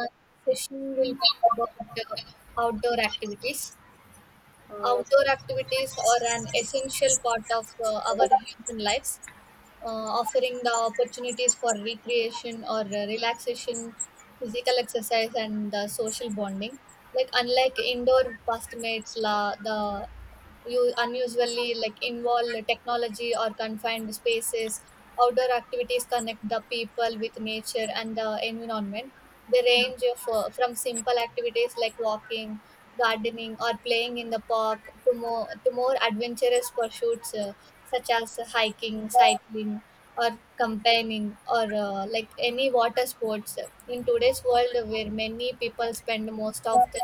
uh, session will talk about uh, outdoor activities. Uh, Outdoor activities are an essential part of our human lives, offering the opportunities for recreation or relaxation, physical exercise, and social bonding. Like unlike indoor pastimates, la the you unusually like involve technology or confined spaces. Outdoor activities connect the people with nature and the environment. They range of, from simple activities like walking, gardening, or playing in the park to more adventurous pursuits, such as hiking, cycling, or campaigning, or like any water sports. In today's world, where many people spend most of their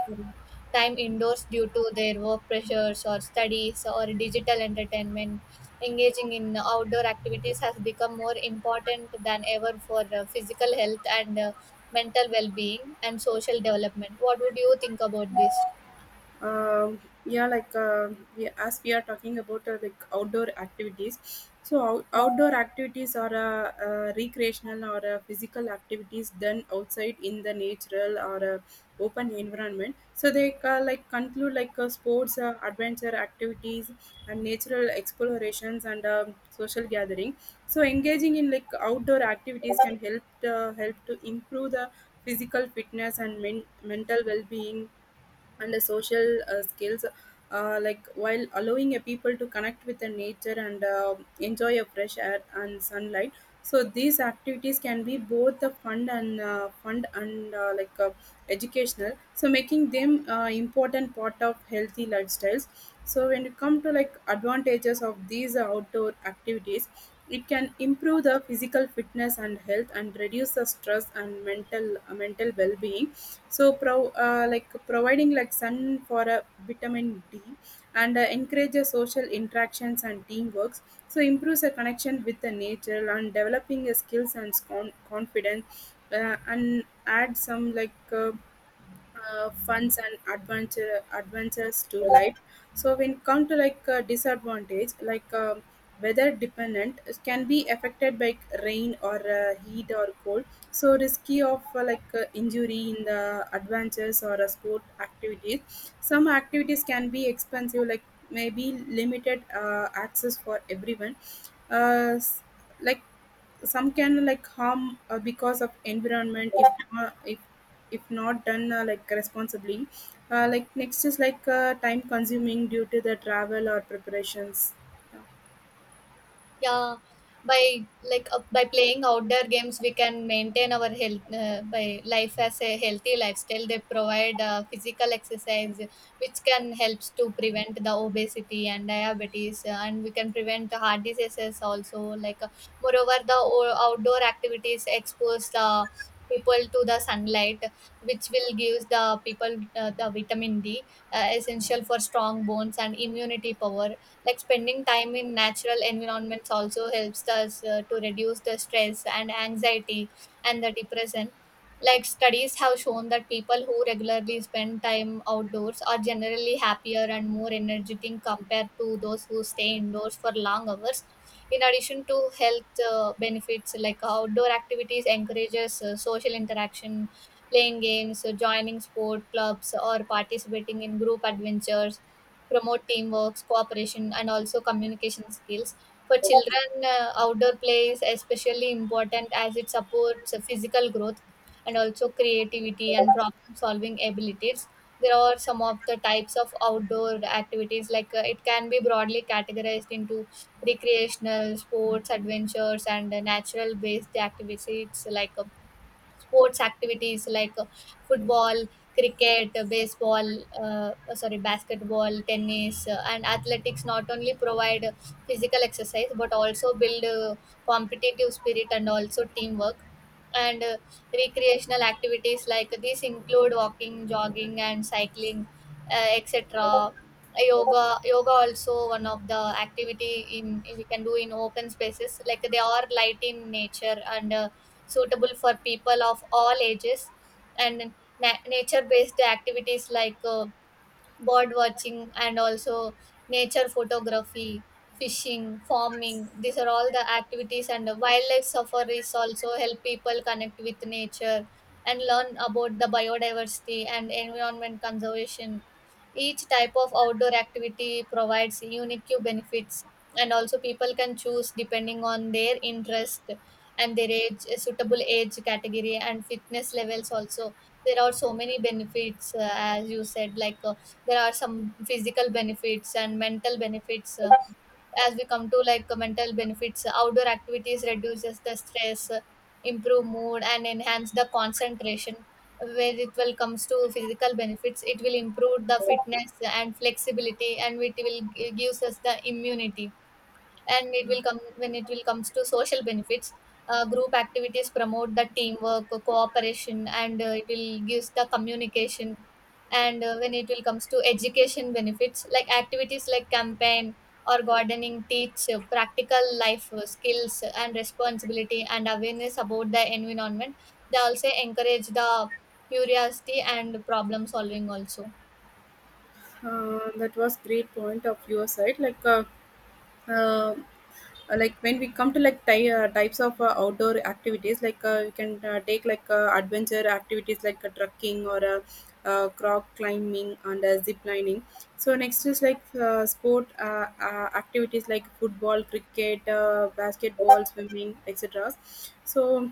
time indoors due to their work pressures or studies or digital entertainment, engaging in outdoor activities has become more important than ever for physical health and mental well-being and social development. What would you think about this? um, yeah, like uh, as we are talking about like outdoor activities, so outdoor activities are recreational or physical activities done outside in the natural or open environment. So they conclude sports, adventure activities, and natural explorations and social gathering. So engaging in like outdoor activities can help to improve the physical fitness and mental well-being and the social skills like while allowing a people to connect with the nature and enjoy a fresh air and sunlight. So these activities can be both the fun and fun and like educational, so making them important part of healthy lifestyles. So when you come to like advantages of these outdoor activities, it can improve the physical fitness and health and reduce the stress and mental well-being, so like providing like sun for a vitamin d, and encourages social interactions and teamworks, so improves a connection with the nature and developing a skills and confidence, and add some funds and adventures to life. So when come to like disadvantage, weather dependent can be affected by rain or heat or cold, so risky of injury in the adventures or sport activities. Some activities can be expensive, like maybe limited access for everyone. Uh, s- like some can like harm because of environment if not done like responsibly. Like next is like time consuming due to the travel or preparations. Yeah, by by playing outdoor games, we can maintain our health by life as a healthy lifestyle. They provide physical exercise, which can helps to prevent the obesity and diabetes, and we can prevent heart diseases also. Like uh, Moreover, the outdoor activities expose the people to the sunlight, which will give the people the vitamin D, essential for strong bones and immunity power. Like spending time in natural environments also helps us to reduce the stress and anxiety and the depression. Like studies have shown that people who regularly spend time outdoors are generally happier and more energetic compared to those who stay indoors for long hours. In addition to health benefits, like outdoor activities encourages social interaction, playing games, joining sport clubs or participating in group adventures promote teamwork, cooperation, and also communication skills. For children, outdoor play is especially important as it supports physical growth and also creativity and problem solving abilities. There are some of the types of outdoor activities, it can be broadly categorized into recreational, sports, adventures, and natural based activities like sports activities like football, cricket, baseball, sorry, basketball, tennis, and athletics not only provide physical exercise but also build competitive spirit and also teamwork. And recreational activities like these include walking, jogging, and cycling, etc. Yoga also one of the activity in we can do in open spaces. Like they are light in nature and, suitable for people of all ages. And nature based activities like bird watching and also nature photography, fishing, farming, these are all the activities, and the wildlife safaris also help people connect with nature and learn about the biodiversity and environment conservation. Each type of outdoor activity provides unique benefits, and also people can choose depending on their interest and their age, suitable age category and fitness levels also. There are so many benefits, as you said, there are some physical benefits and mental benefits. As we come to mental benefits, outdoor activities reduces the stress, improve mood and enhance the concentration. Where it will comes to physical benefits, it will improve the fitness and flexibility and it will gives us the immunity. And it will come when it will comes to social benefits, group activities promote the teamwork, cooperation, and it will gives the communication. And when it will comes to education benefits, like activities like campaign or gardening teach practical life skills and responsibility and awareness about the environment. They also encourage the curiosity and problem solving also. That was great point of your side. Uh, like when we come to like types of outdoor activities, like you can take like adventure activities like trekking or rock climbing and zip lining. So next is like sport activities like football, cricket, basketball, swimming, etc. So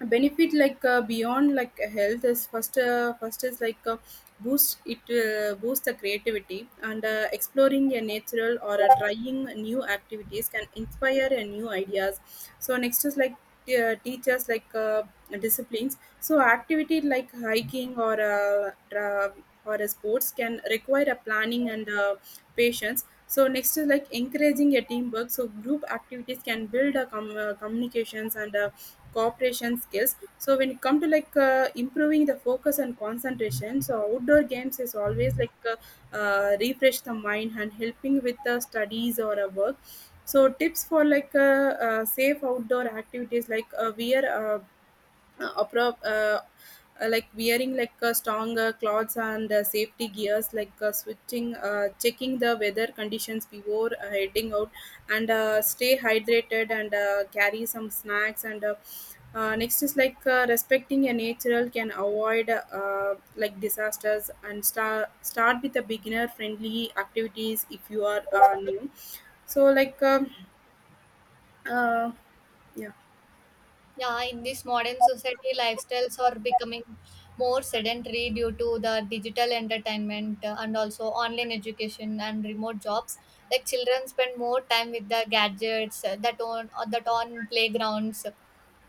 benefit like beyond like health: is first first is like boost the creativity and exploring a natural or trying new activities can inspire a new ideas. So next is like teachers like disciplines, so activity like hiking or sports can require a planning and patience. So next is like encouraging a teamwork, so group activities can build a communications and cooperation skills. So when it come to like improving the focus and concentration, so outdoor games is always like refresh the mind and helping with the studies or a work. So tips for like safe outdoor activities, like wear opera, like wearing like stronger clothes and safety gears, like switching checking the weather conditions before heading out, and stay hydrated and carry some snacks, and next is like respecting a natural can avoid like disasters, and start with the beginner friendly activities if you are new. So uh, yeah. Yeah, in this modern society, lifestyles are becoming more sedentary due to the digital entertainment, and also online education and remote jobs. Like children spend more time with the gadgets that on playgrounds,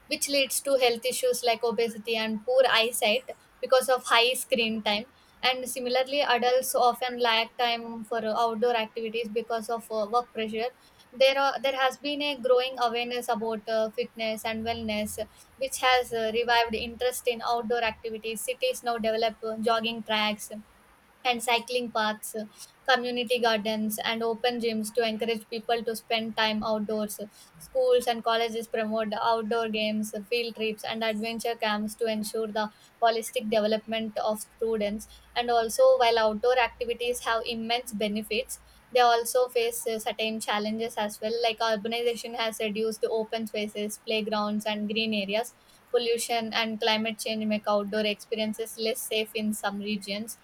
which leads to health issues like obesity and poor eyesight because of high screen time. And similarly, adults often lack time for outdoor activities because of work pressure. There has been a growing awareness about fitness and wellness, which has revived interest in outdoor activities. Cities now develop jogging tracks, and cycling paths, community gardens, and open gyms to encourage people to spend time outdoors. Schools and colleges promote outdoor games, field trips, and adventure camps to ensure the holistic development of students. And also, while outdoor activities have immense benefits, they also face certain challenges as well, like urbanization has reduced open spaces, playgrounds, and green areas. Pollution and climate change make outdoor experiences less safe in some regions.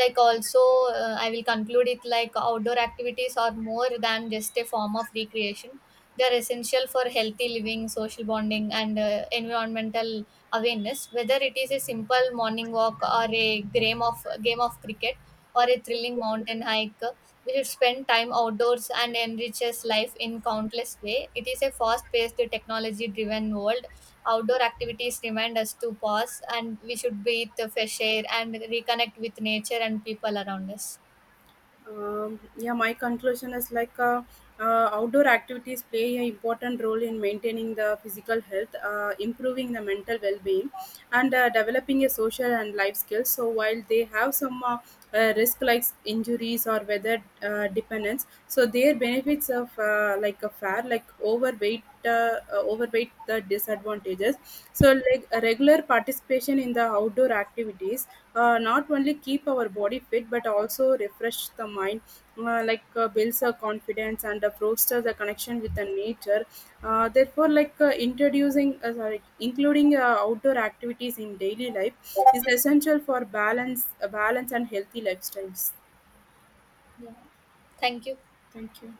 Like also, I will conclude it like outdoor activities are more than just a form of recreation. They are essential for healthy living, social bonding, and environmental awareness. Whether it is a simple morning walk or a game of cricket or a thrilling mountain hike, we should spend time outdoors and enriches life in countless way. It is a fast paced technology driven world, outdoor activities remind us to pause and we should breathe the fresh air and reconnect with nature and people around us. Yeah, my conclusion is like outdoor activities play an important role in maintaining the physical health, improving the mental well being, and developing a social and life skills. So while they have some risk like injuries or weather dependence, so their benefits of like a fair like overweight the disadvantages. So like a regular participation in the outdoor activities not only keep our body fit but also refresh the mind, builds a confidence and fosters a connection with the nature. Therefore, like including outdoor activities in daily life is essential for balance and healthy lifestyles. Yeah. Thank you. Thank you.